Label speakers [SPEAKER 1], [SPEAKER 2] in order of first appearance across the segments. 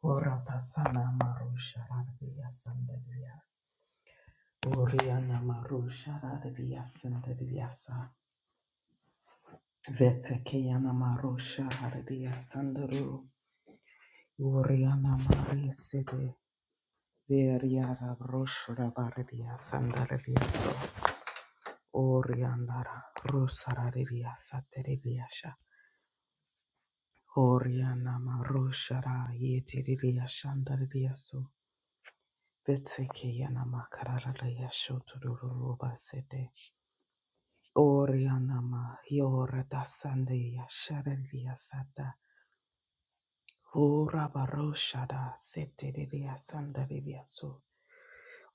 [SPEAKER 1] Horatasana Marusha Radia Sandaria. Oriana Marusha Radia Sandariasa. Vetekeyana Marusha Radia Sandaru. Oriana Marisede. Veriara Roshra Radia Sandariaso. Oriana Rosa Radia Sateriasha. Oriana Marusha Radia Sandariaso. Betsikiana makarara yashotururu basete. Oriana ma yora dasande yasharelia sata. Ora baroshada seteria sandaria so.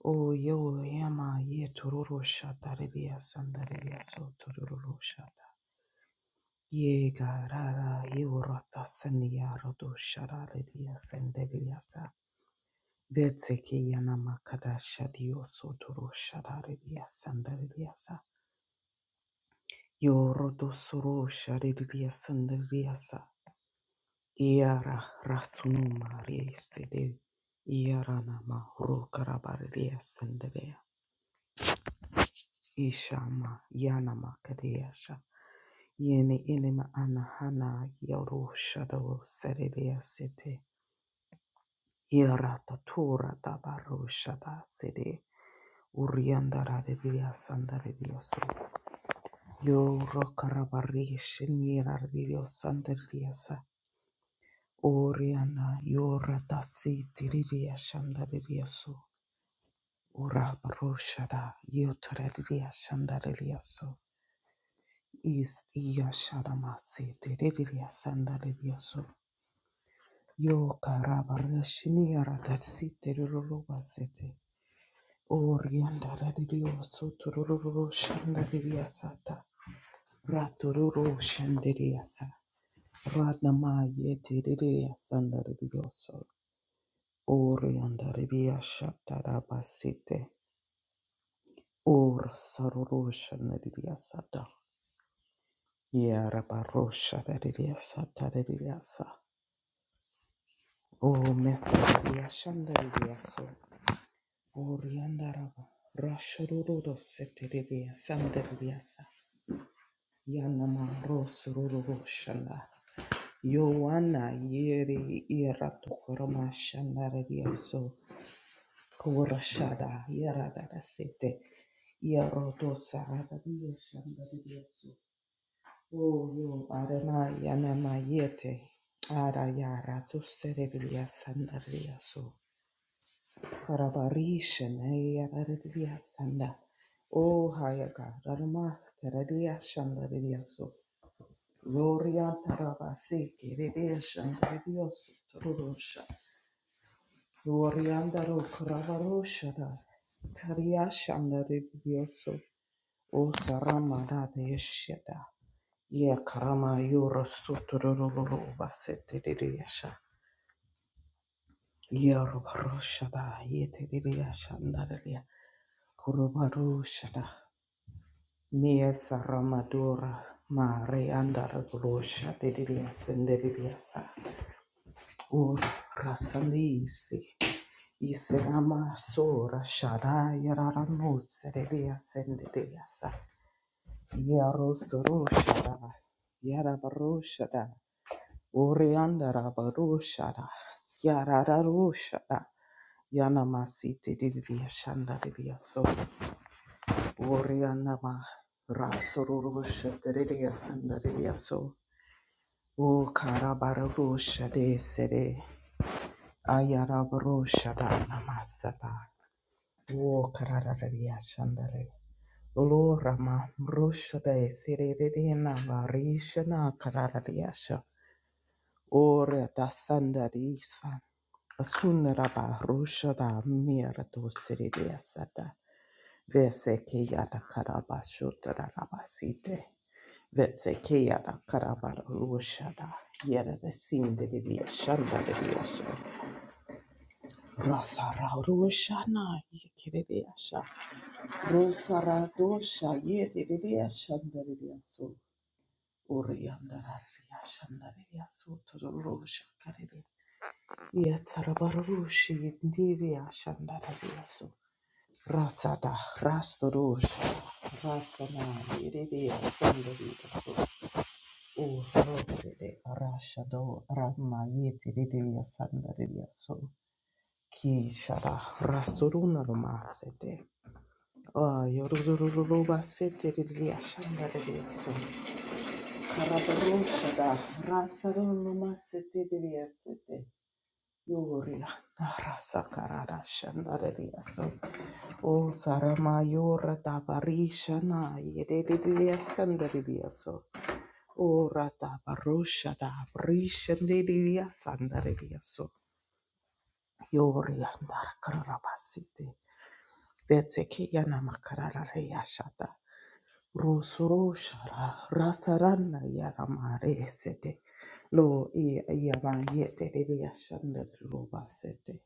[SPEAKER 1] O yo yama ye tururu shataria sandaria so tururu shata. Ye garara ye urata senia rodo sharare dia senderia sa vetse ke yana makada shadio sotoro sharare dia senderia sa yo rodo soro sharare dia senderia sa iara rasunuma rieste de iara nama ro karabare dia Ishama Yana Makadesha Yene Enema Anahana Yoru Shadoro Sererea Sete Yerata Tura Dabaru Shada Sede Uriandara Divya Sandara Dioso Yoro Karabari Shinira Divya Sandara Diosa Oriana Yorata Sitiria Shandara Dioso Ura Baru Shada Yotora Divya Shandara Dioso Is Yasharamasi Teridia Sandaribioso Yoka Rabarashiniara that city Ruruba city Orianda Radioso Tururu Shandariasata Raturu Shandariasa Radama Yetiria Sandaribioso Orianda Ridia Shataraba city Or Saruru Shandariasata Yaraba Rosha Ridia Satariasa Oh, Mestia Shandaria, so Oriandaraba, Rashurudo Seteria, Sandariasa, Yanama Rosururu Shanda, Yoana Yeri Iratu Horama Shandaria, so Korashada, Yarada Sete, Yaroto Sarada Shandaria, so Oh, yo Arana Yanama Yete, Ara Yara to Seteria Sandaria, so Karabarisha Naya Radidia Sanda. O Hayaka Rama Taradia Shanda Radioso. Gloria Tarabasi Kiridia Shanda Radioso Turusha. Glorianda Rokravarusha da Karia Shanda Radioso. O Saramada Deshada. Ye Karama Yura Sutururu Basete Radiasha. Ye Rubarushada Yete Radiashanda Radia. Kurubarushada. Mia Saramadura, mare Marianda Rosha, Didibia Sendibiasa, Ur Rasalisi, Iserama sora Shada Yaramus, Didibia Sendibiasa, Yarosaroshada, Yarabaroshada, Urianda Rabaroshada, Yarararoshada, Yanamasi, Didibia Shanda Dibia So, Urianama, Rasurusha, Didibia Sendibiaso. O karabarosha de sede ayarabarosha da namasata. O karararia shandare. Olo rama de sede de de navarisha na kararariasha. Ore da sandarisa. Asunara barosha da mirato sede de asata. Vese ke yada karabashota da nabasite. Vetsekeya da karabara rushada yere de sindiri diye şanda diyorsun. Rasara rushana yekere diye şa. Rusara doşa yediri diye şanda diyorsun. Uriyandara diye şanda diyorsun. Turu ruşa kare diye. Yetara bara ruşi yediri diye şanda diyorsun. Rasada rastı Rasana yere diye şanda diyorsun. O Rosede Rashado Ramayeti Lidia Sandaria So Ki Shada Rasuruna Roma Sede Yoruba Sete Lidia Shandaria So Karabaru Shada Rasarunuma Sete Lidia Sete Yoria Rasa Karada Shandaria So O Sarama Yora Tabarishana Yede Lidia so. Orata barusha da brisha diria sandaria so yori andar karabasiti vetseke yana makarara yashata rusuru shara rasarana yana mare sete lo i yama yete diria shandar rubasete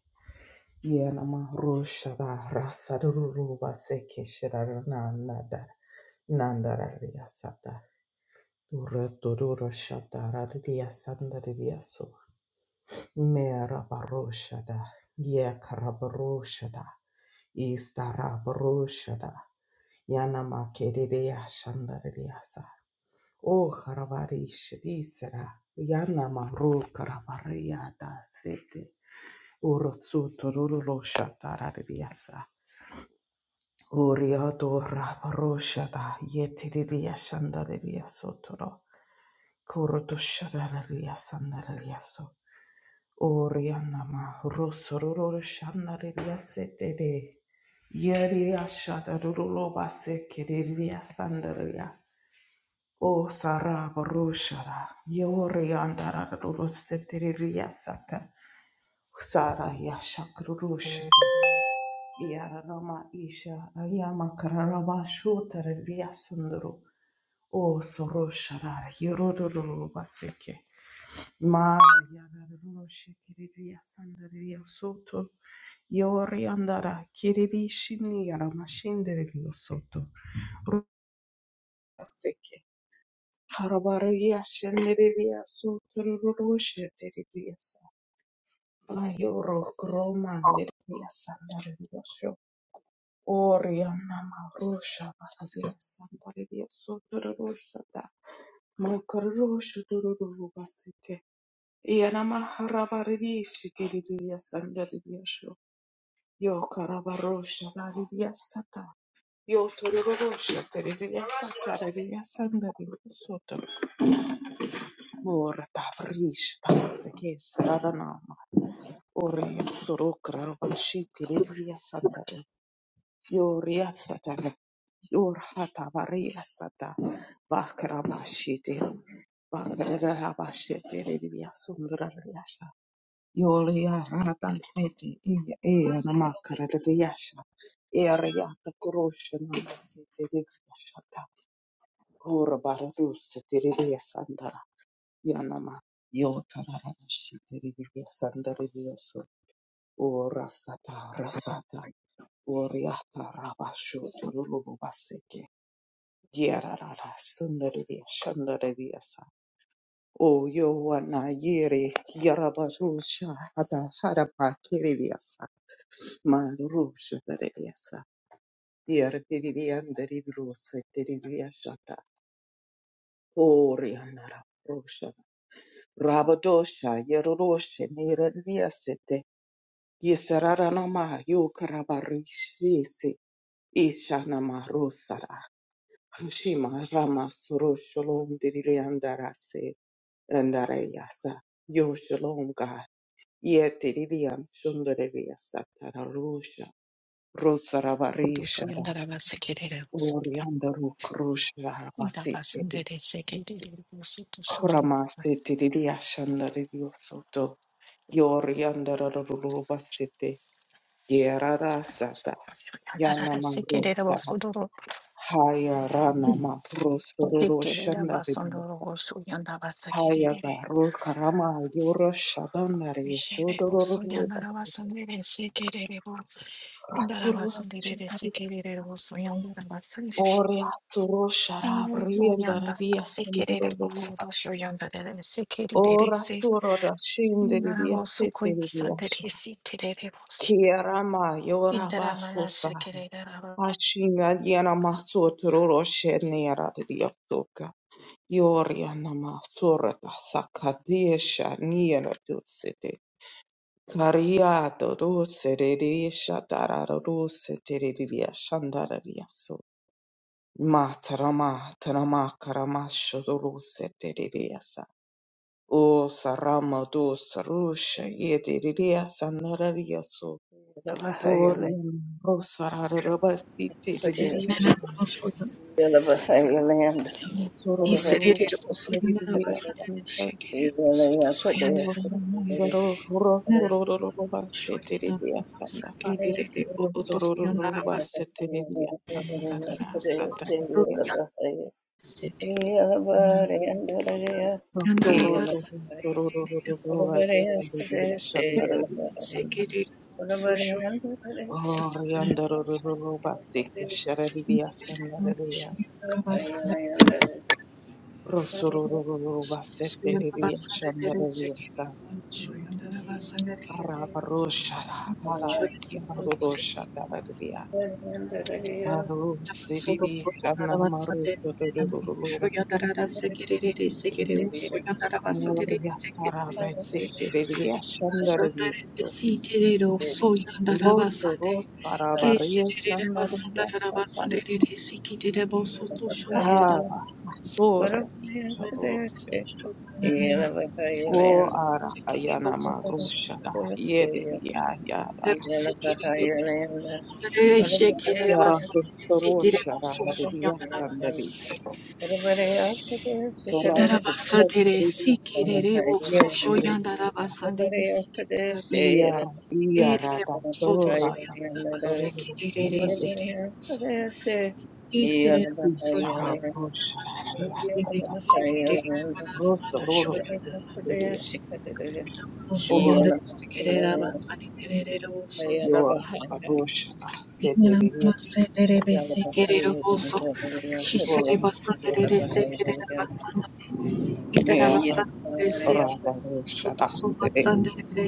[SPEAKER 1] yana ma rusha da rasaru rubaseke shirarana nadar nandararia sata Dura durura shatara ria sandararia so Merabaroshada, Yekarabaroshada, Istarabaroshada, Yanamakedeya Shandariyasa, O Karabarishadisera, Yanamaru Karabarayada Sete, Urotsutururushatarariyasa, Uriado Rabaroshada, Yetiriya Shandariyasotoro, Kurutushadariyasandariyasot. Orianama Rosororo Shandaria Sete Yeria Shadaruro Base Kiria Sandaria O Sara Barushara Yoriandara Roseteria Sata Sara Yashakrurush Yarama Isha Ayama Kararama Shutaria Sandro O Soroshara Yororo Baseke Ma yararuru shikiriria sandaria soto. Yori andara kiriri shini yaramashinderio soto. Seke. Harabaria shenderia soto ruru sheteria sa. Ayoro groma neria sandaria sho. Ori anama rusha baradia sandaria soto ruru shata. Makarusha dururu Yanama harabaridi shikiridiya sandaridiya sho. Yo karabarosha raridiya sata. Yo tororosha teridiya sakaradiya sandaridiya soto. Yanamaharabaridiishitiridiyasandaridiasho. Yokarabaroshabaridiyasata. Yotorororoshateridiyasatarediyasandarediyasoto. Moratabarishtabaratsakesararana. Oreyasorokarabashitiridiyasandare. Yoriyasatare. Yorhatabariyasata. Bakarabashitiru. Bakarabashitiridiyasundurariyasha. Yolia Ratan City, Ea Namakara Yasha, Ariata Kuroshan, Yashata, Ura Baratus, Tiridia Sandara, Yanama, Yotara Shitiridia Sandarioso, Ura Sata Rasata, Uriata Rabashu, Rubaseke, Yerara Sundaridia Shandaradiasa. O Yoana Yere, Yarabasha, Ada Harapa Kiriviasa. Marusha Teresa. Here Tirian Deribros Teriashata. Orianara Rusha. Rabadosha Yeroshe Nirviasete. Yesararanama Yukrabarishisi. Ishana Marusara. Shima Rama Suru Shalom Diriandarase Andarayasa. Yo Shalom God. Yetirian Shundareviasata Rusha.
[SPEAKER 2] Todo soy
[SPEAKER 1] Rosaravarisha.
[SPEAKER 2] un daraba sekereros.
[SPEAKER 1] Oriandaru Krushara
[SPEAKER 2] Intabas
[SPEAKER 1] Vasiti
[SPEAKER 2] un dere sekereros. Todo soy un daraba
[SPEAKER 1] Horamasiti Diashandari Yosoto Yoriandaru Vasiti
[SPEAKER 2] sekereros.
[SPEAKER 1] Yerara Sata
[SPEAKER 2] Yandara
[SPEAKER 1] Yanamaru
[SPEAKER 2] sekereros. Todo
[SPEAKER 1] Haya Rana Mahrosuru
[SPEAKER 2] sekerera
[SPEAKER 1] Shandari
[SPEAKER 2] basandoro. Soy un daraba
[SPEAKER 1] Haya
[SPEAKER 2] sekerere.
[SPEAKER 1] Garu Karama Yoro Shadanari
[SPEAKER 2] Vishere
[SPEAKER 1] Sodoro
[SPEAKER 2] oso yandara
[SPEAKER 1] Raturu
[SPEAKER 2] basandere sekerere. Indara basandere
[SPEAKER 1] Shandari
[SPEAKER 2] sekerere. Oso yandara basandere.
[SPEAKER 1] Oriaturu Shara
[SPEAKER 2] Inyari soyanda
[SPEAKER 1] Briandari
[SPEAKER 2] sekerere.
[SPEAKER 1] Yasanduru
[SPEAKER 2] Oso dosho yandara sekerere.
[SPEAKER 1] Ora
[SPEAKER 2] Se
[SPEAKER 1] sura da shinde
[SPEAKER 2] indara
[SPEAKER 1] di
[SPEAKER 2] oso
[SPEAKER 1] sete di ascia.
[SPEAKER 2] koyasandere sekerere.
[SPEAKER 1] Chi era mai ora
[SPEAKER 2] Intaramana
[SPEAKER 1] basusa.
[SPEAKER 2] sekerera aba
[SPEAKER 1] Ascina di anamasso troro scenera di assoca. Iori anamasura da sacadesha niera dosete. Cariato dosere riescia tararo dosete riescia andare di asso. Matara matara makara masho dosete O Saramados Sarusha Yedidia Sanararia so
[SPEAKER 3] Yeah.
[SPEAKER 1] Orion Rosarabasti Tidia
[SPEAKER 2] Sekerera rosoya,
[SPEAKER 1] Sororo
[SPEAKER 2] iserere rosoya nara
[SPEAKER 1] Tidia
[SPEAKER 2] basarere
[SPEAKER 1] Santa
[SPEAKER 2] şekerere rosoya soyanlara
[SPEAKER 1] Ayurandaro
[SPEAKER 2] nara
[SPEAKER 1] Rosororo
[SPEAKER 2] rosoya nara
[SPEAKER 1] Tidia Santa
[SPEAKER 2] basakerere oto
[SPEAKER 1] Rosororo
[SPEAKER 2] soyanlara bas
[SPEAKER 1] Tidia Santa Sataria
[SPEAKER 2] rosoya sekere yanlara
[SPEAKER 1] Rosoro
[SPEAKER 2] basanere
[SPEAKER 1] Rosoro Tidia Santa
[SPEAKER 2] şekerere soşoya basanere
[SPEAKER 1] Oriandaruru Basiki Sharadia Sandaria
[SPEAKER 2] rosoya nara basanere
[SPEAKER 1] Rosururu
[SPEAKER 2] soya nara
[SPEAKER 1] Baseteria
[SPEAKER 2] basanere
[SPEAKER 1] Chandaria
[SPEAKER 2] sekere soya
[SPEAKER 3] What
[SPEAKER 2] nara
[SPEAKER 3] about
[SPEAKER 2] basanere
[SPEAKER 3] the day of the
[SPEAKER 1] Arabarushara Ara
[SPEAKER 3] afternoon,
[SPEAKER 1] Yarushadaria
[SPEAKER 3] healing in the day of
[SPEAKER 1] Aru
[SPEAKER 2] Solo
[SPEAKER 1] Sidi
[SPEAKER 2] Kotara
[SPEAKER 1] Shanamaru
[SPEAKER 2] Vasade and
[SPEAKER 1] Ruruluva
[SPEAKER 3] the
[SPEAKER 2] Shoyadara Sekere
[SPEAKER 3] afternoon,
[SPEAKER 2] Sekere,
[SPEAKER 3] city of the
[SPEAKER 2] Soyadara Vasade
[SPEAKER 1] Moria
[SPEAKER 2] Sekere
[SPEAKER 1] Arabe Sitiria Chandaria
[SPEAKER 2] Sandere Sitero, Soyadara
[SPEAKER 1] Rosso Ros
[SPEAKER 2] Vasade,
[SPEAKER 1] Parabaria
[SPEAKER 2] Kesere
[SPEAKER 1] Sandaria
[SPEAKER 2] Vasandara
[SPEAKER 1] Sata
[SPEAKER 2] Vasade Sikitera Bosso to Shoyadara
[SPEAKER 1] Ah Sore Chaduros
[SPEAKER 2] Sekere
[SPEAKER 1] O ara
[SPEAKER 2] Sekere
[SPEAKER 1] ayana
[SPEAKER 2] Bosso to Soyadara
[SPEAKER 1] marusha da yede ya ya da
[SPEAKER 2] Sekere Sekere
[SPEAKER 1] yara
[SPEAKER 2] Vasade Sitera
[SPEAKER 1] torosha da
[SPEAKER 2] Bosso
[SPEAKER 1] hadi ya
[SPEAKER 2] Soyadara
[SPEAKER 1] sandari torat
[SPEAKER 2] Darabasa dere
[SPEAKER 1] tutari ya san
[SPEAKER 2] sikirere wo
[SPEAKER 1] ye
[SPEAKER 2] sosho
[SPEAKER 1] yere
[SPEAKER 2] yanda
[SPEAKER 1] ta
[SPEAKER 2] rabasa
[SPEAKER 3] What about
[SPEAKER 2] dere sikirere
[SPEAKER 3] the
[SPEAKER 1] iyara iyara
[SPEAKER 2] erere
[SPEAKER 1] da
[SPEAKER 2] soto
[SPEAKER 3] Yeah.
[SPEAKER 1] tora da
[SPEAKER 2] soyanda rabasa
[SPEAKER 1] toru rusha
[SPEAKER 2] kirere
[SPEAKER 1] da
[SPEAKER 2] sere isere soyanda
[SPEAKER 1] yara marusha da
[SPEAKER 2] rabasa
[SPEAKER 1] ya
[SPEAKER 2] dere
[SPEAKER 1] sandari
[SPEAKER 2] sikirere mana
[SPEAKER 1] ro
[SPEAKER 2] mana
[SPEAKER 1] tororo
[SPEAKER 2] shoyanda
[SPEAKER 1] de ya ora
[SPEAKER 2] shoyanda
[SPEAKER 1] da
[SPEAKER 2] sikirere
[SPEAKER 1] de ya
[SPEAKER 2] rabasa kirere wo so
[SPEAKER 1] yora marusha da
[SPEAKER 2] mana
[SPEAKER 1] sederi
[SPEAKER 2] mana
[SPEAKER 1] ya
[SPEAKER 2] se dere be sikirere wo so
[SPEAKER 1] ora
[SPEAKER 2] shisere basa dere sikirere rabasa idara
[SPEAKER 1] mea
[SPEAKER 2] basa dere sikirere soto
[SPEAKER 1] Rabarushada, Vede,
[SPEAKER 2] sobatsa dere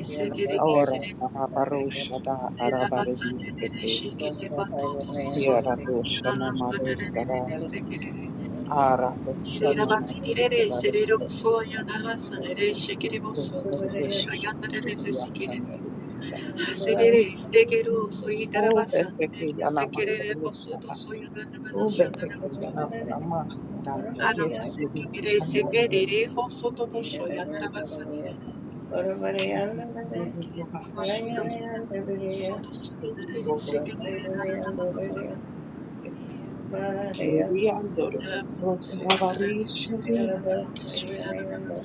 [SPEAKER 1] Aura,
[SPEAKER 2] sikirere
[SPEAKER 1] Rabarushada,
[SPEAKER 2] Ela basa de de de
[SPEAKER 1] Arabarediskete,
[SPEAKER 2] shiki de bato to so so la
[SPEAKER 1] Kiera
[SPEAKER 2] la
[SPEAKER 1] Dushana
[SPEAKER 2] la sa de de de
[SPEAKER 1] Marushada,
[SPEAKER 2] de se que de
[SPEAKER 1] Ara
[SPEAKER 2] de la
[SPEAKER 1] Dushana
[SPEAKER 2] basa de de de
[SPEAKER 1] Marushada,
[SPEAKER 2] se de lo so ya
[SPEAKER 1] Rediaskata,
[SPEAKER 2] la basa de de shiki de boso to no ba
[SPEAKER 3] Yeah.
[SPEAKER 2] sha ya
[SPEAKER 1] Rusarushada,
[SPEAKER 2] de de se si que de
[SPEAKER 1] Rediaskata,
[SPEAKER 2] se de de se ya ya de la
[SPEAKER 1] O
[SPEAKER 2] basa de
[SPEAKER 1] Beseke Yana
[SPEAKER 2] de boso to
[SPEAKER 1] Makarushada, O Beseke Yana Panamashada,
[SPEAKER 2] ana
[SPEAKER 1] Yet Rushanda, Rushada, Rushada, Rushada,
[SPEAKER 2] Thank you.
[SPEAKER 1] Rushada, Kiriandoro,
[SPEAKER 2] Rabasere
[SPEAKER 1] Rotavarishaya,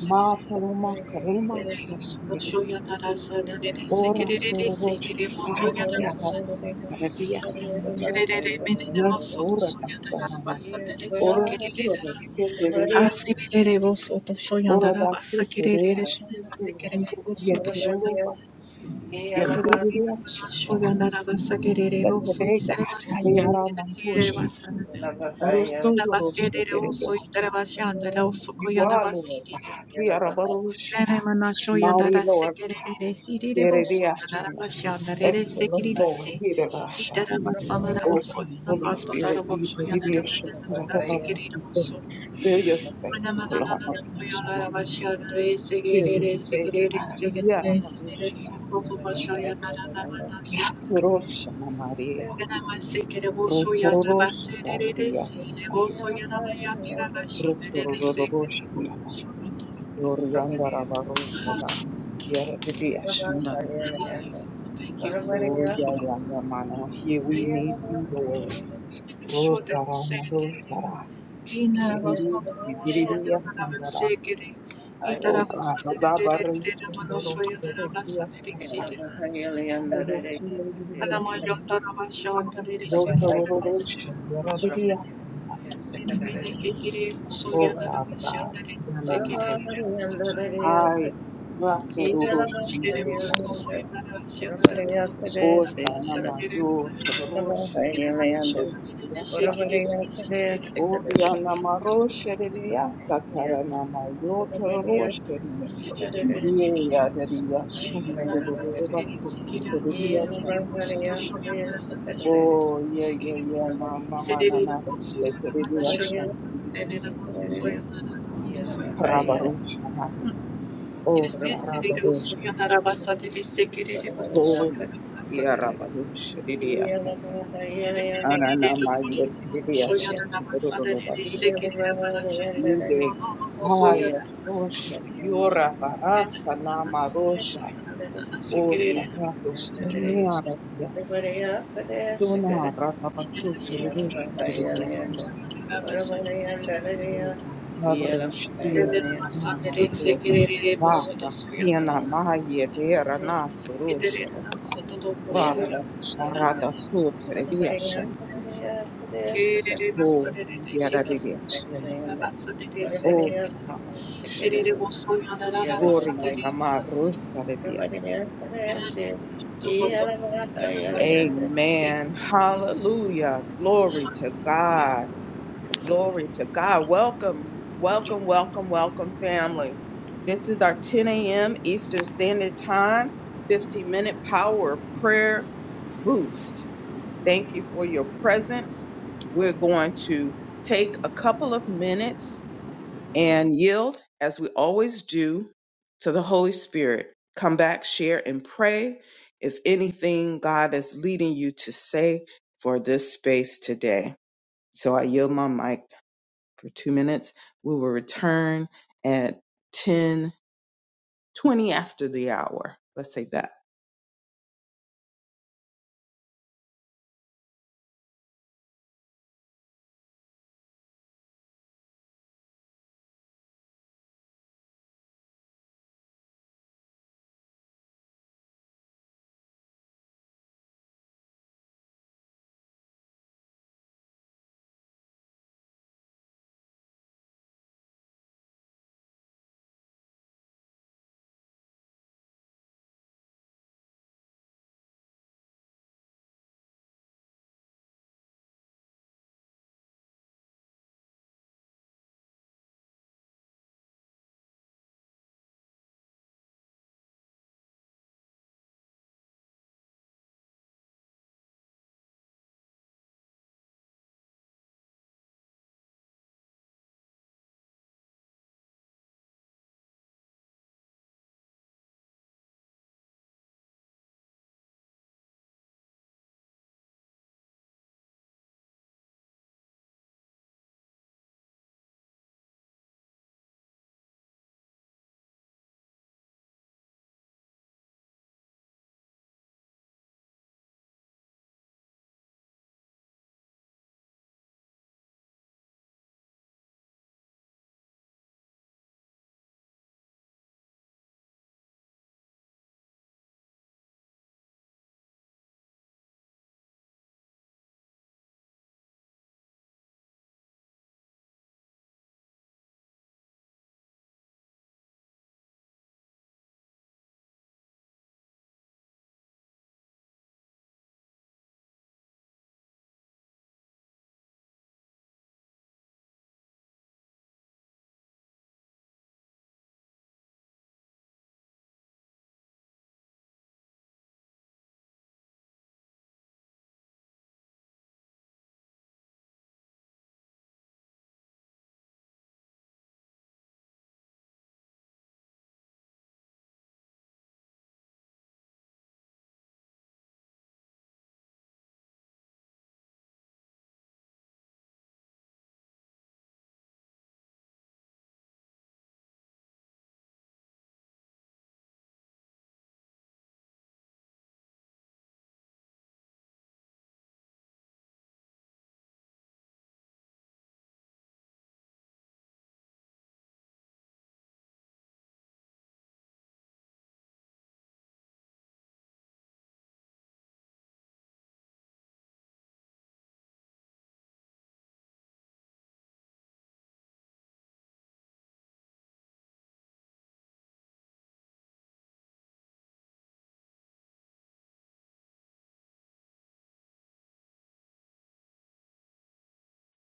[SPEAKER 1] Mataloma Karimashaya, Ora Torosha,
[SPEAKER 3] Yalla
[SPEAKER 1] Ariana, Karavia Sandari, Yasura Dastana, Ora tafta mama, ora Tura, Teteria, Ora Dasti, Terea Sandari, Yeteruba, Yeteria Shanda, Yetega, Ariara Mambusha, Orostoro, Terea,
[SPEAKER 2] oso itarabasi that oso
[SPEAKER 1] You
[SPEAKER 2] koyana
[SPEAKER 1] are Lord,
[SPEAKER 2] basitire.
[SPEAKER 1] Hiarabarusha,
[SPEAKER 2] Nene mana shoya
[SPEAKER 1] Mari
[SPEAKER 2] dada
[SPEAKER 1] Lord.
[SPEAKER 2] sekerere sirire boso dada
[SPEAKER 1] Yerediashana.
[SPEAKER 2] basya dada
[SPEAKER 1] Excellent
[SPEAKER 2] sekerere
[SPEAKER 1] Lord,
[SPEAKER 2] si i
[SPEAKER 1] Yerediasha.
[SPEAKER 2] dada basana dada
[SPEAKER 1] Oh,
[SPEAKER 2] boso
[SPEAKER 1] come,
[SPEAKER 2] dada
[SPEAKER 1] Holy
[SPEAKER 2] bas dada
[SPEAKER 1] Spirit,
[SPEAKER 2] boso dada dada
[SPEAKER 1] Yerediasha.
[SPEAKER 2] dada sekerere
[SPEAKER 1] Yerediasha.
[SPEAKER 2] boso
[SPEAKER 1] Fill your space,
[SPEAKER 2] mana
[SPEAKER 1] oh
[SPEAKER 2] mana
[SPEAKER 1] Lord,
[SPEAKER 2] dada dada boya
[SPEAKER 1] Yerediashana.
[SPEAKER 2] dada basya dada
[SPEAKER 1] Fill your
[SPEAKER 2] sekerere
[SPEAKER 1] space,
[SPEAKER 2] sekerere
[SPEAKER 1] God.
[SPEAKER 2] sekerere sekerere
[SPEAKER 1] Yerediashana.
[SPEAKER 2] son boso basya
[SPEAKER 3] bahaya,
[SPEAKER 2] dada dada
[SPEAKER 3] yalla
[SPEAKER 2] mana shoya
[SPEAKER 1] Roshana Maria.
[SPEAKER 2] dada mas sekere boso dada
[SPEAKER 1] Roshana
[SPEAKER 2] baserere
[SPEAKER 1] Maria.
[SPEAKER 2] si
[SPEAKER 3] Yeah.
[SPEAKER 2] boso dada boya dada basya dada sekerere
[SPEAKER 1] Roshana Dorianda Rabaroshana. Yerediashana.
[SPEAKER 2] Hallelujah. Thank you,
[SPEAKER 1] Oh, yeah,
[SPEAKER 2] Lord.
[SPEAKER 1] yeah, yeah, man. Here we need you, Lord.
[SPEAKER 2] Shoda
[SPEAKER 1] Rosarama,
[SPEAKER 2] Sandini.
[SPEAKER 1] Rosara.
[SPEAKER 2] Ina was
[SPEAKER 1] Iriri,
[SPEAKER 2] not
[SPEAKER 1] iriri,
[SPEAKER 2] Shoya
[SPEAKER 1] yasangara.
[SPEAKER 2] Namasekiri.
[SPEAKER 1] Oh God, Rabare,
[SPEAKER 2] Itarabasadidididididida
[SPEAKER 1] Shindoro,
[SPEAKER 2] Manoshoya
[SPEAKER 1] Yerebiya,
[SPEAKER 2] Namasadidi Sita.
[SPEAKER 1] Aruro, Shindoriya,
[SPEAKER 2] Alamayondarama Shandari Sikiri
[SPEAKER 1] Rosororo,
[SPEAKER 2] Namasadamasadiri.
[SPEAKER 1] Shindoriya.
[SPEAKER 2] Inamini Hikiri Musoya
[SPEAKER 1] Oh Father God,
[SPEAKER 2] Namasadari Sikiri
[SPEAKER 1] Yanamaro,
[SPEAKER 2] Namasoya.
[SPEAKER 1] Hai, Rasaroro,
[SPEAKER 2] Namanashidiri
[SPEAKER 1] Shandavia,
[SPEAKER 2] Musoya Namasadara
[SPEAKER 3] Orabariyakade
[SPEAKER 2] Tadamosoya
[SPEAKER 1] Osta
[SPEAKER 3] shriyala
[SPEAKER 1] Namayo,
[SPEAKER 2] Namasadiri.
[SPEAKER 3] iyala
[SPEAKER 1] Tororo,
[SPEAKER 2] Soy yo,
[SPEAKER 3] bahayala
[SPEAKER 2] Narabasa
[SPEAKER 1] Shedivia,
[SPEAKER 3] yanda.
[SPEAKER 2] de
[SPEAKER 1] Shandavia,
[SPEAKER 2] Sekerere,
[SPEAKER 3] Orabariyakade sikadere
[SPEAKER 1] Oriana Maro, Shedivia,
[SPEAKER 3] bahayala yanda.
[SPEAKER 1] Satarana Tororo,
[SPEAKER 3] Orabariyakade
[SPEAKER 1] Yeah, that is Oh,
[SPEAKER 3] bahayala
[SPEAKER 1] no, no,
[SPEAKER 3] yanda.
[SPEAKER 1] no, no, no, no, no, no, no,
[SPEAKER 3] Iyala
[SPEAKER 1] no, no.
[SPEAKER 3] bahariyakade sikadere
[SPEAKER 1] Oh, yeah, yeah, yeah,
[SPEAKER 3] iyala
[SPEAKER 1] mama,
[SPEAKER 3] bahayala
[SPEAKER 1] mama, na,
[SPEAKER 3] yanda.
[SPEAKER 1] that
[SPEAKER 3] Orabariyakade sikadere iyala bahayala.
[SPEAKER 1] Rabarusha,
[SPEAKER 2] Soy
[SPEAKER 1] oh,
[SPEAKER 3] Orabariyakade
[SPEAKER 2] yo,
[SPEAKER 1] Rabarusha,
[SPEAKER 2] Narabasa de Sekerere.
[SPEAKER 1] Bold,
[SPEAKER 3] orabariyakade
[SPEAKER 1] yeah,
[SPEAKER 3] sikadere
[SPEAKER 1] Rabarusha, Didiasa,
[SPEAKER 3] iyala
[SPEAKER 2] Soya
[SPEAKER 3] bahayala yanda.
[SPEAKER 1] Anana, my Yetidiasa, Rodolobas,
[SPEAKER 3] Iyala bahayala yanda.
[SPEAKER 1] Nide, Haya,
[SPEAKER 3] Yeah.
[SPEAKER 1] Rosha, Yora, Barasa, Nama, Rosha, oh, Rabarusha, Nia, Sona rakabasu churushi kiriya rabroshi deka mama to va kena maye dera na surusha rab sharada su teriya shandri
[SPEAKER 2] Kerere
[SPEAKER 1] o
[SPEAKER 2] basadere
[SPEAKER 1] yera
[SPEAKER 2] sekere
[SPEAKER 1] deriya shandri
[SPEAKER 2] bosunana basadere
[SPEAKER 1] o
[SPEAKER 2] sekere.
[SPEAKER 1] rabash
[SPEAKER 2] Kerere bosunana rara
[SPEAKER 1] gloria
[SPEAKER 2] basadere
[SPEAKER 1] nama
[SPEAKER 2] manana.
[SPEAKER 1] rosta deriya
[SPEAKER 2] Yana topo topo yana bana. Big.
[SPEAKER 1] amen hallelujah glory to
[SPEAKER 2] Yeah.
[SPEAKER 1] god Glory to God. Welcome, welcome, welcome, welcome, family. This is our 10 a.m. Eastern Standard Time, 15 minute power prayer boost. Thank you for your presence. We're going to take a couple of minutes and yield, as we always do, to the Holy Spirit. Come back, share, and pray if anything God is leading you to say for this space today. So I yield my mic for two minutes. We will return at ten twenty after the hour. Let's say that.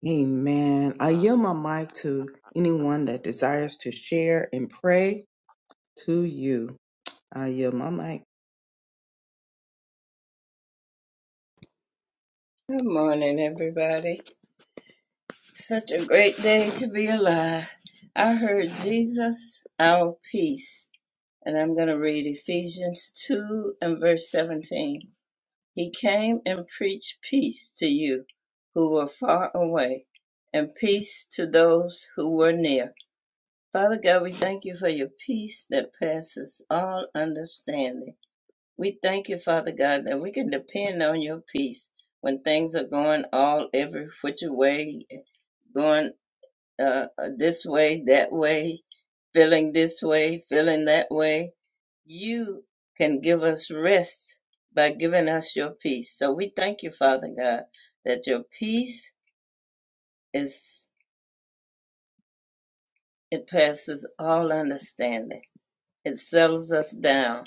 [SPEAKER 1] Amen. I yield my mic to anyone that desires to share and pray to you. I yield my mic.
[SPEAKER 3] Good morning, everybody. Such a great day to be alive. I heard Jesus, our peace. And I'm going to read Ephesians 2 and verse 17. He came and preached peace to you who were far away, and peace to those who were near. Father God, we thank you for your peace that passes all understanding. We thank you, Father God, that we can depend on your peace when things are going all every which way, going uh, uh, this way, that way, feeling this way, feeling that way. You can give us rest by giving us your peace. So we thank you, Father God, that your peace is it passes all understanding. It settles us down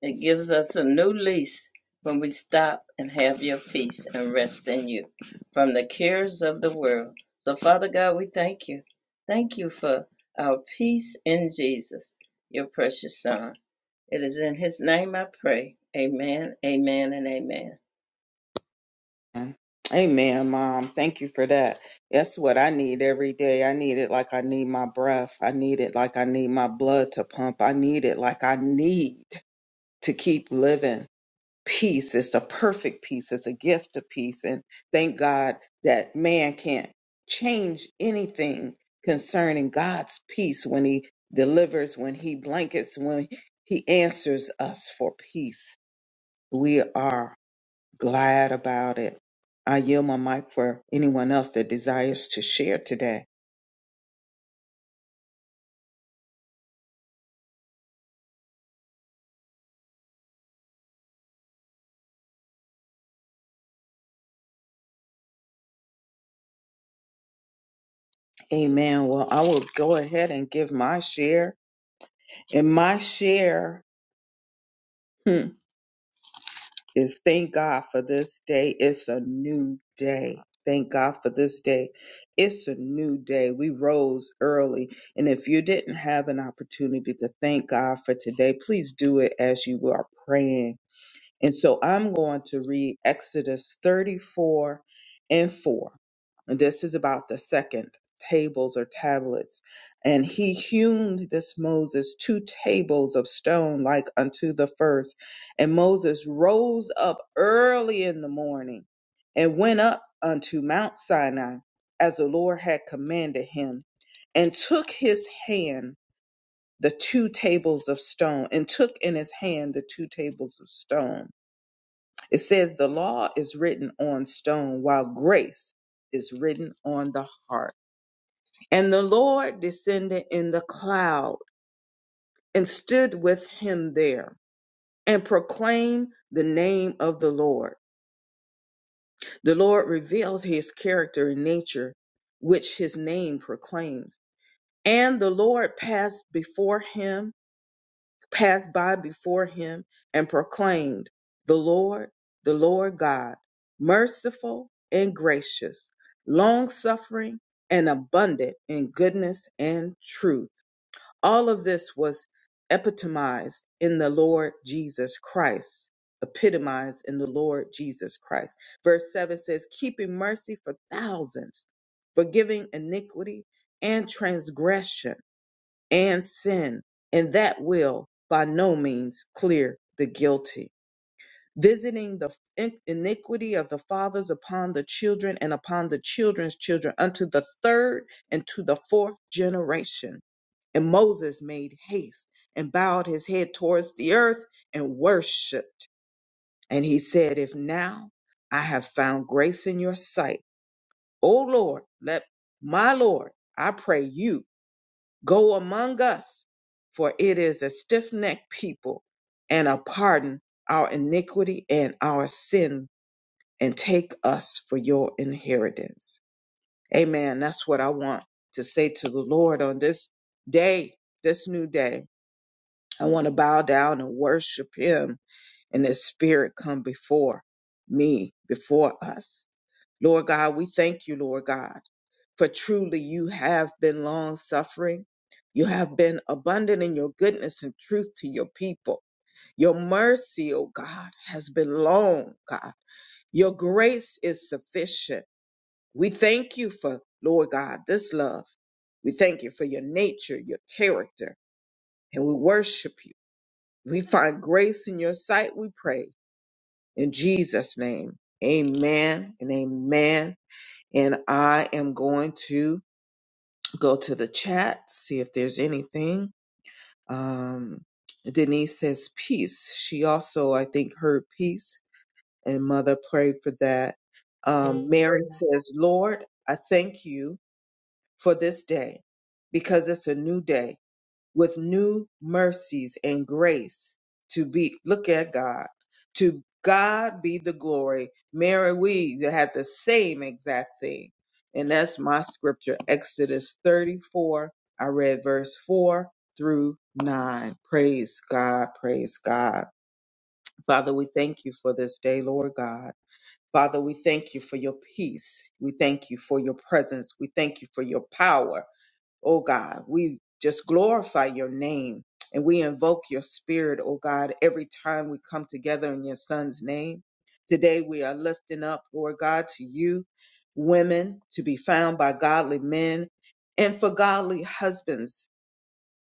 [SPEAKER 3] It gives us a new lease when we stop and have your peace and rest in you from the cares of the world. So, Father God, we thank you. Thank you for our peace in Jesus, your precious Son. It is in his name I pray. Amen, amen, and amen.
[SPEAKER 1] Amen, Mom. Thank you for that. That's what I need every day. I need it like I need my breath. I need it like I need my blood to pump. I need it like I need to keep living. Peace is the perfect peace. It's a gift of peace. And thank God that man can't change anything concerning God's peace when he delivers, when he blankets, when he answers us for peace. We are glad about it. I yield my mic for anyone else that desires to share today. Amen. Well, I will go ahead and give my share. And my share hmm, is thank God for this day. It's a new day. Thank God for this day. It's a new day. We rose early. And if you didn't have an opportunity to thank God for today, please do it as you are praying And so I'm going to read Exodus 34 and 4. And this is about the second tables or tablets. And he hewn this Moses two tables of stone like unto the first. And Moses rose up early in the morning and went up unto Mount Sinai as the Lord had commanded him and took his hand the two tables of stone and took in his hand the two tables of stone it says the law is written on stone while grace is written on the heart. And the Lord descended in the cloud and stood with him there and proclaimed the name of the Lord. The Lord reveals his character and nature, which his name proclaims. And the Lord passed before him passed by before him and proclaimed, The Lord, the Lord God, merciful and gracious, long suffering and abundant in goodness and truth. All of this was epitomized in the Lord Jesus Christ. Epitomized in the Lord Jesus Christ. Verse 7 says, Keeping mercy for thousands, forgiving iniquity and transgression and sin, and that will by no means clear the guilty, visiting the in- iniquity of the fathers upon the children and upon the children's children unto the third and to the fourth generation. And Moses made haste and bowed his head towards the earth and worshipped. And he said, If now I have found grace in your sight, O Lord, let my Lord, I pray you Go among us, for it is a stiff necked people, and a pardon our iniquity and our sin, and take us for your inheritance. Amen. That's what I want to say to the Lord on this day, this new day. I want to bow down and worship Him, and His Spirit come before me, before us. Lord God, we thank you, Lord God, for truly you have been long suffering. You have been abundant in your goodness and truth to your people. Your mercy, O God, has been long, God. Your grace is sufficient. We thank you for, Lord God, this love. We thank you for your nature, your character, and we worship you. We find grace in your sight, we pray. In Jesus' name, amen and amen and I am going to go to the chat, see if there's anything. Um, Denise says peace. She also, I think, heard peace, and Mother prayed for that. Um, Mary says, Lord, I thank you for this day because it's a new day with new mercies and grace to be look at God. To God be the glory. Mary, we that had the same exact thing. And that's my scripture, Exodus 34. I read verse 4 through 9. Praise God, praise God. Father, we thank you for this day, Lord God. Father, we thank you for your peace. We thank you for your presence. We thank you for your power oh God. We just glorify your name and we invoke your spirit, oh God, every time we come together in your son's name. Today we are lifting up, Lord God, to you, women, to be found by godly men and for godly husbands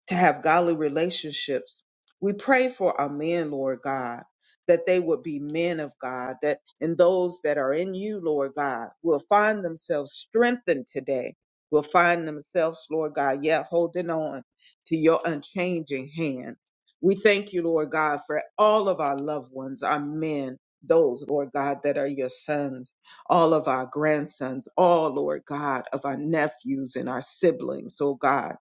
[SPEAKER 1] to have godly relationships. We pray for our men, Lord God, that they would be men of God, that and those that are in you, Lord God, will find themselves strengthened today, will find themselves, Lord God, yet holding on to your unchanging hand. We thank you, Lord God, for all of our loved ones, our men, those, Lord God, that are your sons, all of our grandsons, all, Lord God, of our nephews and our siblings, oh God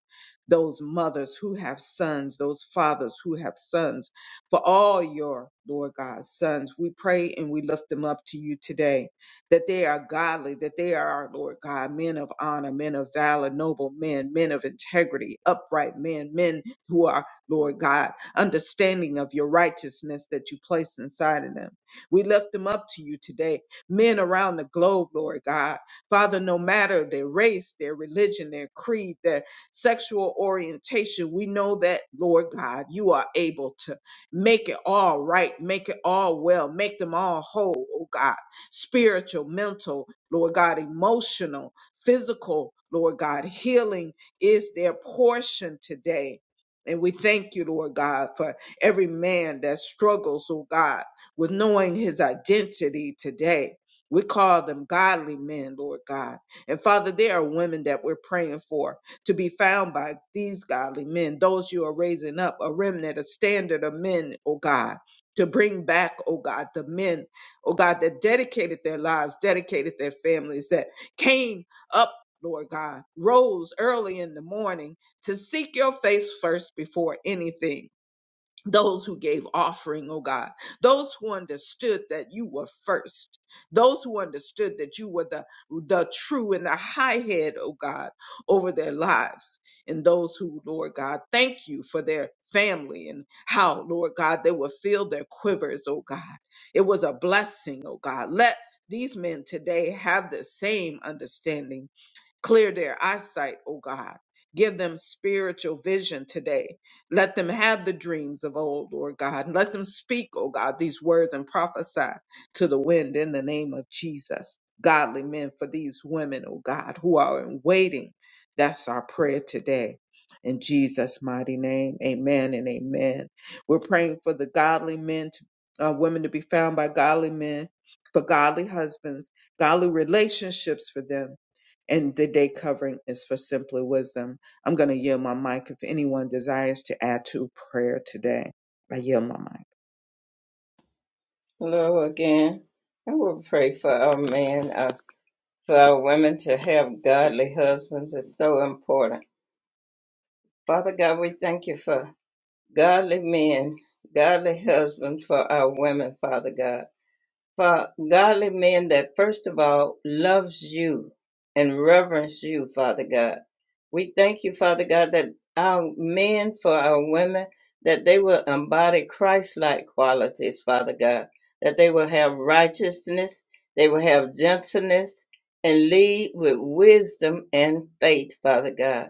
[SPEAKER 1] those mothers who have sons, those fathers who have sons, for all your, Lord God, sons. We pray and we lift them up to you today that they are godly, that they are, Lord God, men of honor, men of valor, noble men, men of integrity, upright men, men who are, Lord God, understanding of your righteousness that you place inside of them. We lift them up to you today, men around the globe, Lord God. Father, no matter their race, their religion, their creed, their sexual orientation, we know that, Lord God, you are able to make it all right, make it all well, make them all whole, oh God, spiritual, mental, Lord God, emotional, physical, Lord God, healing is their portion today. And we thank you, Lord God, for every man that struggles, oh God, with knowing his identity today. We call them godly men, Lord God. And Father, there are women that we're praying for to be found by these godly men, those you are raising up, a remnant, a standard of men, oh God, to bring back, oh God, the men, oh God, that dedicated their lives, dedicated their families, that came up, Lord God, rose early in the morning to seek your face first before anything those who gave offering, oh God, those who understood that you were first, those who understood that you were the, the true and the high head, oh God, over their lives, and those who, Lord God, thank you for their family and how, Lord God, they will fill their quivers, oh God. It was a blessing, oh God. Let these men today have the same understanding Clear their eyesight, O God. Give them spiritual vision today. Let them have the dreams of old, Lord God. Let them speak, O God, these words and prophesy to the wind in the name of Jesus. Godly men for these women, O God, who are in waiting. That's our prayer today. In Jesus' mighty name, amen and amen. We're praying for the godly men, to, uh, women to be found by godly men, for godly husbands, godly relationships for them and the day covering is for simply wisdom. I'm going to yield my mic if anyone desires to add to prayer today. I yield my mic.
[SPEAKER 3] Hello again. I will pray for our men, uh, for our women to have godly husbands. It's so important. Father God, we thank you for godly men, godly husbands for our women, Father God for godly men that first of all loves you and reverence you, Father God. We thank you, Father God, that our men for our women that they will embody Christ-like qualities, Father God, that they will have righteousness, they will have gentleness, and lead with wisdom and faith, Father God.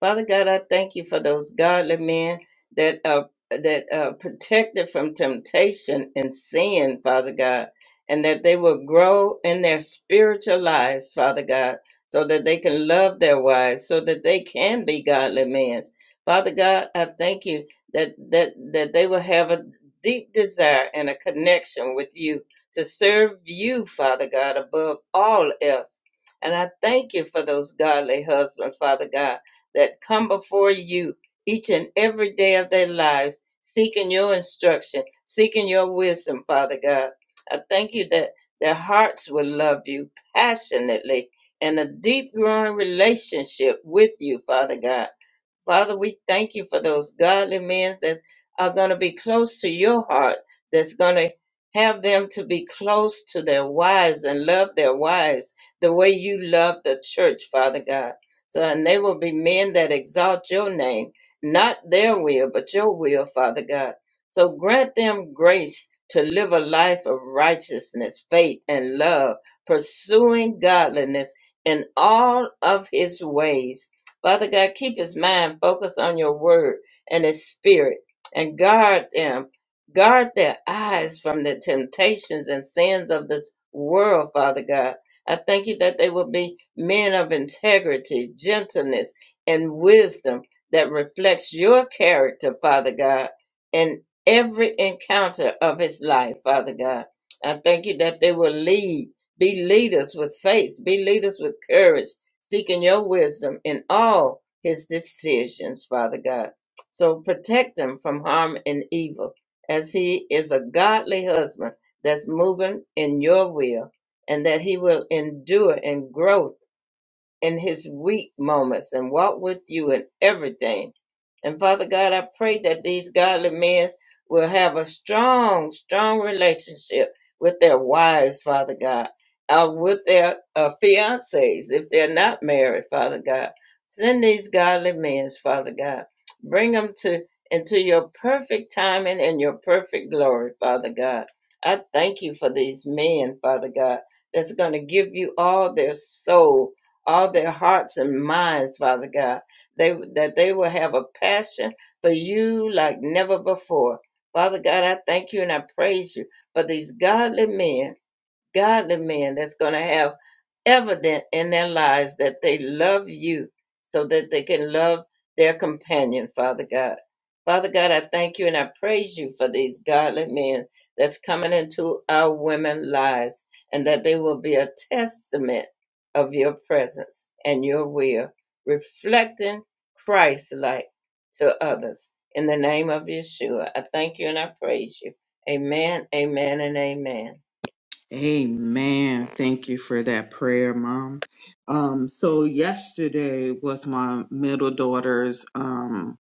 [SPEAKER 3] Father God, I thank you for those godly men that are that are protected from temptation and sin, Father God and that they will grow in their spiritual lives, Father God, so that they can love their wives, so that they can be godly men. Father God, I thank you that that that they will have a deep desire and a connection with you to serve you, Father God, above all else. And I thank you for those godly husbands, Father God, that come before you each and every day of their lives, seeking your instruction, seeking your wisdom, Father God I thank you that their hearts will love you passionately and a deep growing relationship with you, Father God. Father, we thank you for those godly men that are going to be close to your heart, that's going to have them to be close to their wives and love their wives the way you love the church, Father God. So, and they will be men that exalt your name, not their will, but your will, Father God. So grant them grace to live a life of righteousness, faith, and love, pursuing godliness in all of his ways Father God, keep his mind focused on your word and his spirit and guard them. Guard their eyes from the temptations and sins of this world, Father God. I thank you that they will be men of integrity, gentleness, and wisdom that reflects your character, Father God, in every encounter of his life, Father God. I thank you that they will lead, be leaders with faith, be leaders with courage seeking your wisdom in all his decisions, Father God. So protect him from harm and evil as he is a godly husband that's moving in your will and that he will endure and grow in his weak moments and walk with you in everything. And Father God, I pray that these godly men will have a strong, strong relationship with their wives, Father God, or with their uh, fiancés if they're not married, Father God. Send these godly men, Father God. Bring them to into your perfect timing and your perfect glory, Father God. I thank you for these men, Father God, that's going to give you all their soul all their hearts and minds, Father God. They that they will have a passion for you like never before. Father God, I thank you and I praise you for these godly men godly men that's going to have evident in their lives that they love you so that they can love their companion, Father God. Father God, I thank you and I praise you for these godly men that's coming into our women lives and that they will be a testament of your presence and your will, reflecting Christ like to others. In the name of Yeshua, I thank you and I praise you. Amen, amen, and amen.
[SPEAKER 1] Amen. Thank you for that prayer, Mom. Um, so yesterday was my middle daughter's um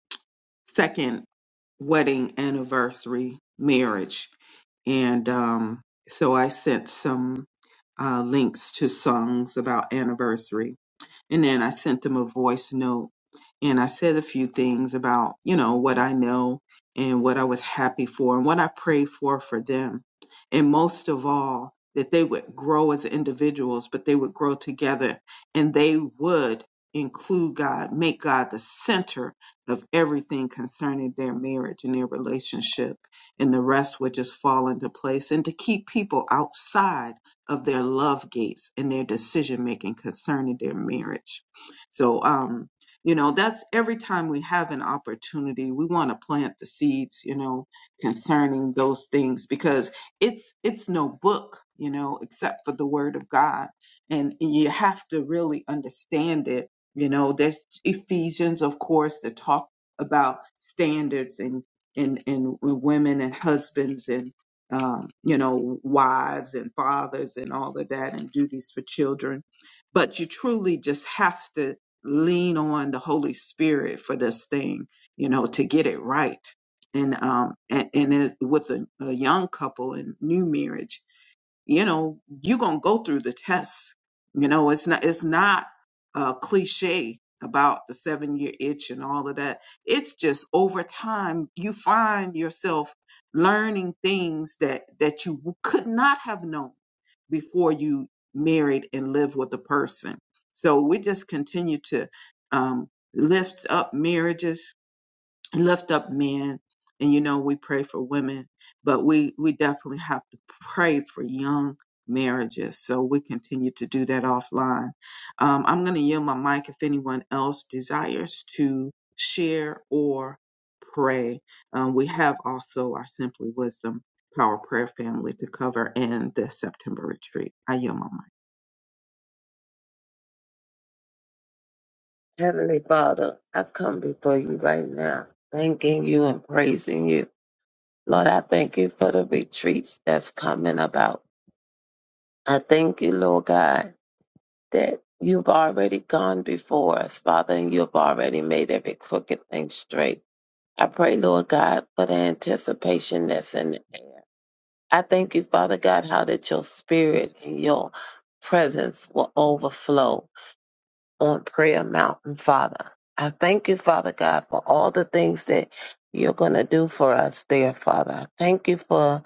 [SPEAKER 1] second wedding anniversary marriage. And um so I sent some uh links to songs about anniversary. And then I sent them a voice note and I said a few things about, you know, what I know and what I was happy for and what I prayed for for them. And most of all, that they would grow as individuals, but they would grow together and they would include God, make God the center of everything concerning their marriage and their relationship. And the rest would just fall into place and to keep people outside of their love gates and their decision making concerning their marriage. So, um, you know, that's every time we have an opportunity, we want to plant the seeds, you know, concerning those things because it's it's no book, you know, except for the word of God. And you have to really understand it. You know, there's Ephesians, of course, to talk about standards and and and women and husbands and um, you know, wives and fathers and all of that and duties for children. But you truly just have to lean on the Holy Spirit for this thing, you know, to get it right. And um and, and it, with a, a young couple and new marriage, you know you're gonna go through the test you know it's not it's not a cliche about the seven year itch and all of that it's just over time you find yourself learning things that that you w- could not have known before you married and lived with a person so we just continue to um, lift up marriages lift up men and you know we pray for women but we we definitely have to pray for young marriages so we continue to do that offline um, i'm going to yield my mic if anyone else desires to share or pray um, we have also our simply wisdom power prayer family to cover and the september retreat i yield my mic
[SPEAKER 4] Heavenly Father, I come before you right now, thanking you and praising you. Lord, I thank you for the retreats that's coming about. I thank you, Lord God, that you've already gone before us, Father, and you've already made every crooked thing straight. I pray, Lord God, for the anticipation that's in the air. I thank you, Father God, how that your spirit and your presence will overflow on Prayer Mountain, Father. I thank you, Father God, for all the things that you're going to do for us there, Father. I thank you for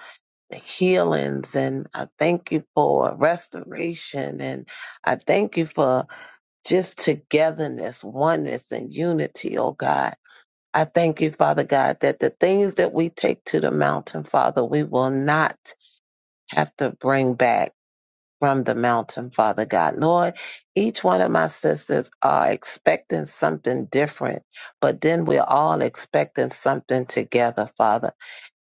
[SPEAKER 4] healings and I thank you for restoration and I thank you for just togetherness, oneness, and unity, oh God. I thank you, Father God, that the things that we take to the mountain, Father, we will not have to bring back from the mountain, Father God. Lord, each one of my sisters are expecting something different, but then we're all expecting something together, Father.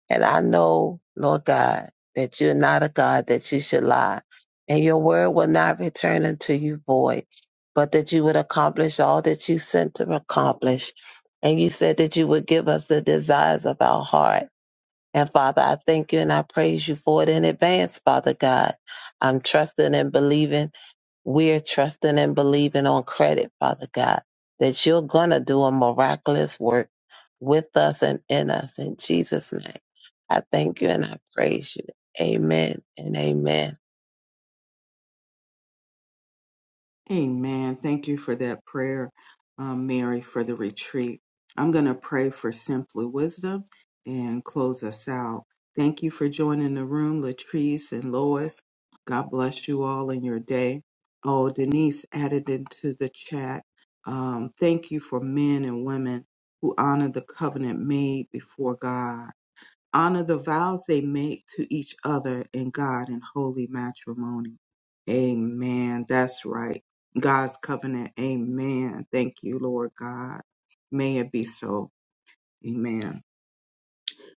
[SPEAKER 4] And I know, Lord God, that you're not a God that you should lie, and your word will not return unto you void, but that you would accomplish all that you sent to accomplish. And you said that you would give us the desires of our heart. And Father, I thank you and I praise you for it in advance, Father God. I'm trusting and believing. We're trusting and believing on credit, Father God, that you're going to do a miraculous work with us and in us. In Jesus' name, I thank you and I praise you. Amen and amen.
[SPEAKER 1] Amen. Thank you for that prayer, um, Mary, for the retreat. I'm going to pray for simply wisdom and close us out. Thank you for joining the room, Latrice and Lois. God bless you all in your day. Oh, Denise added into the chat. Um, thank you for men and women who honor the covenant made before God honor the vows they make to each other and God in holy matrimony. Amen. That's right. God's covenant. Amen. Thank you, Lord God. May it be so. Amen.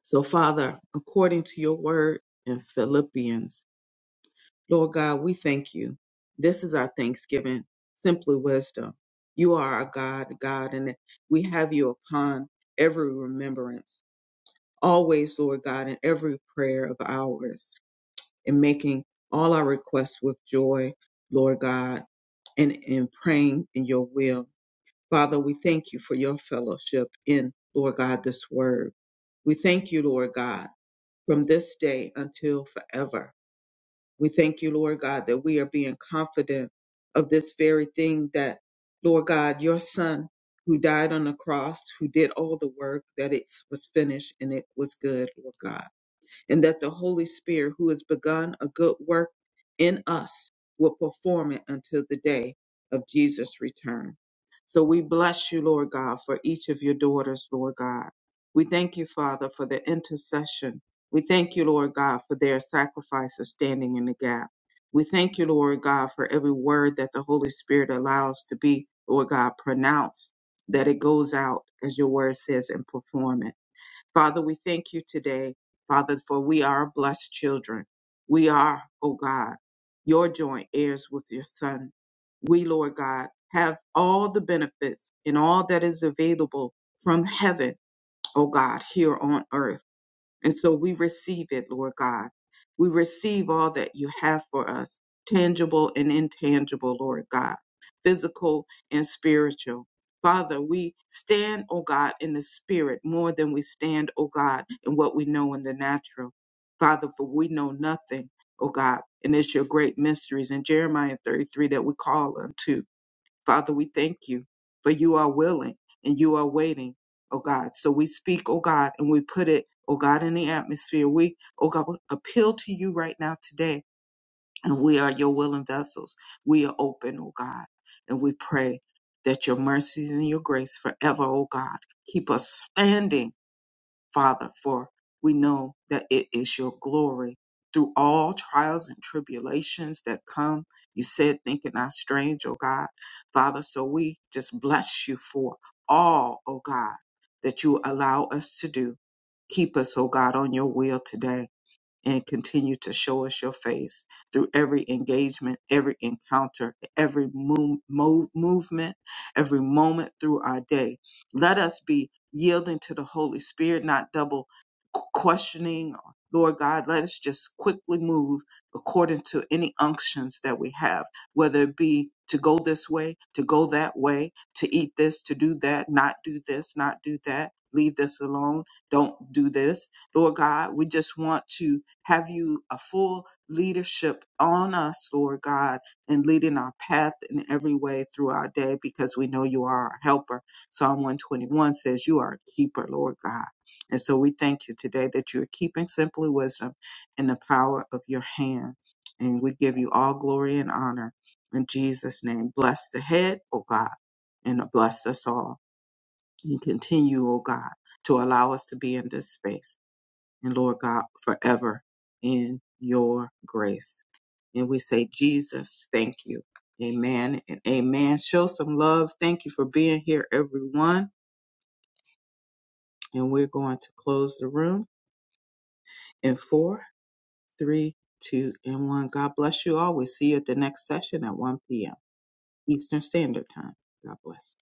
[SPEAKER 1] So, Father, according to your word in Philippians, Lord God, we thank you. This is our thanksgiving, simply wisdom. You are our God, God, and we have you upon every remembrance, always, Lord God, in every prayer of ours. in making all our requests with joy, Lord God, and in praying in your will. Father, we thank you for your fellowship in, Lord God, this word. We thank you, Lord God, from this day until forever. We thank you, Lord God, that we are being confident of this very thing that, Lord God, your Son, who died on the cross, who did all the work, that it was finished and it was good, Lord God and that the Holy Spirit, who has begun a good work in us, will perform it until the day of Jesus' return. So we bless you, Lord God, for each of your daughters, Lord God. We thank you, Father, for the intercession. We thank you, Lord God, for their sacrifice of standing in the gap. We thank you, Lord God, for every word that the Holy Spirit allows to be, Lord God, pronounced, that it goes out, as your word says, and perform it. Father, we thank you today, Father, for we are blessed children. We are, O God, your joint heirs with your Son. We, Lord God, have all the benefits and all that is available from heaven, O God, here on earth. And so we receive it, Lord God. We receive all that you have for us, tangible and intangible, Lord God, physical and spiritual. Father, we stand, O God, in the spirit more than we stand, O God, in what we know in the natural. Father, for we know nothing, O God, and it's your great mysteries in Jeremiah 33 that we call unto. Father, we thank you for you are willing and you are waiting, oh God. So we speak, oh God, and we put it, oh God, in the atmosphere. We, oh God, appeal to you right now today, and we are your willing vessels. We are open, oh God, and we pray that your mercies and your grace forever, oh God, keep us standing Father, for we know that it is your glory. Through all trials and tribulations that come, you said, thinking not strange, oh God. Father, so we just bless you for all, oh God, that you allow us to do. Keep us, oh God, on your will today and continue to show us your face through every engagement, every encounter, every move, move, movement, every moment through our day. Let us be yielding to the Holy Spirit, not double questioning. Lord God, let us just quickly move according to any unctions that we have, whether it be to go this way, to go that way, to eat this, to do that, not do this, not do that, leave this alone, don't do this Lord God, we just want to have you a full leadership on us, Lord God, and leading our path in every way through our day because we know you are our helper. Psalm 121 says you are a keeper, Lord God. And so we thank you today that you are keeping simply wisdom in the power of your hand. And we give you all glory and honor in Jesus' name. Bless the head, O God, and bless us all. And continue, O God, to allow us to be in this space and Lord God, forever in your grace. And we say, Jesus, thank you. Amen and amen. Show some love. Thank you for being here, everyone. And we're going to close the room in four, three, two, and one. God bless you all. We see you at the next session at 1 p.m. Eastern Standard Time. God bless.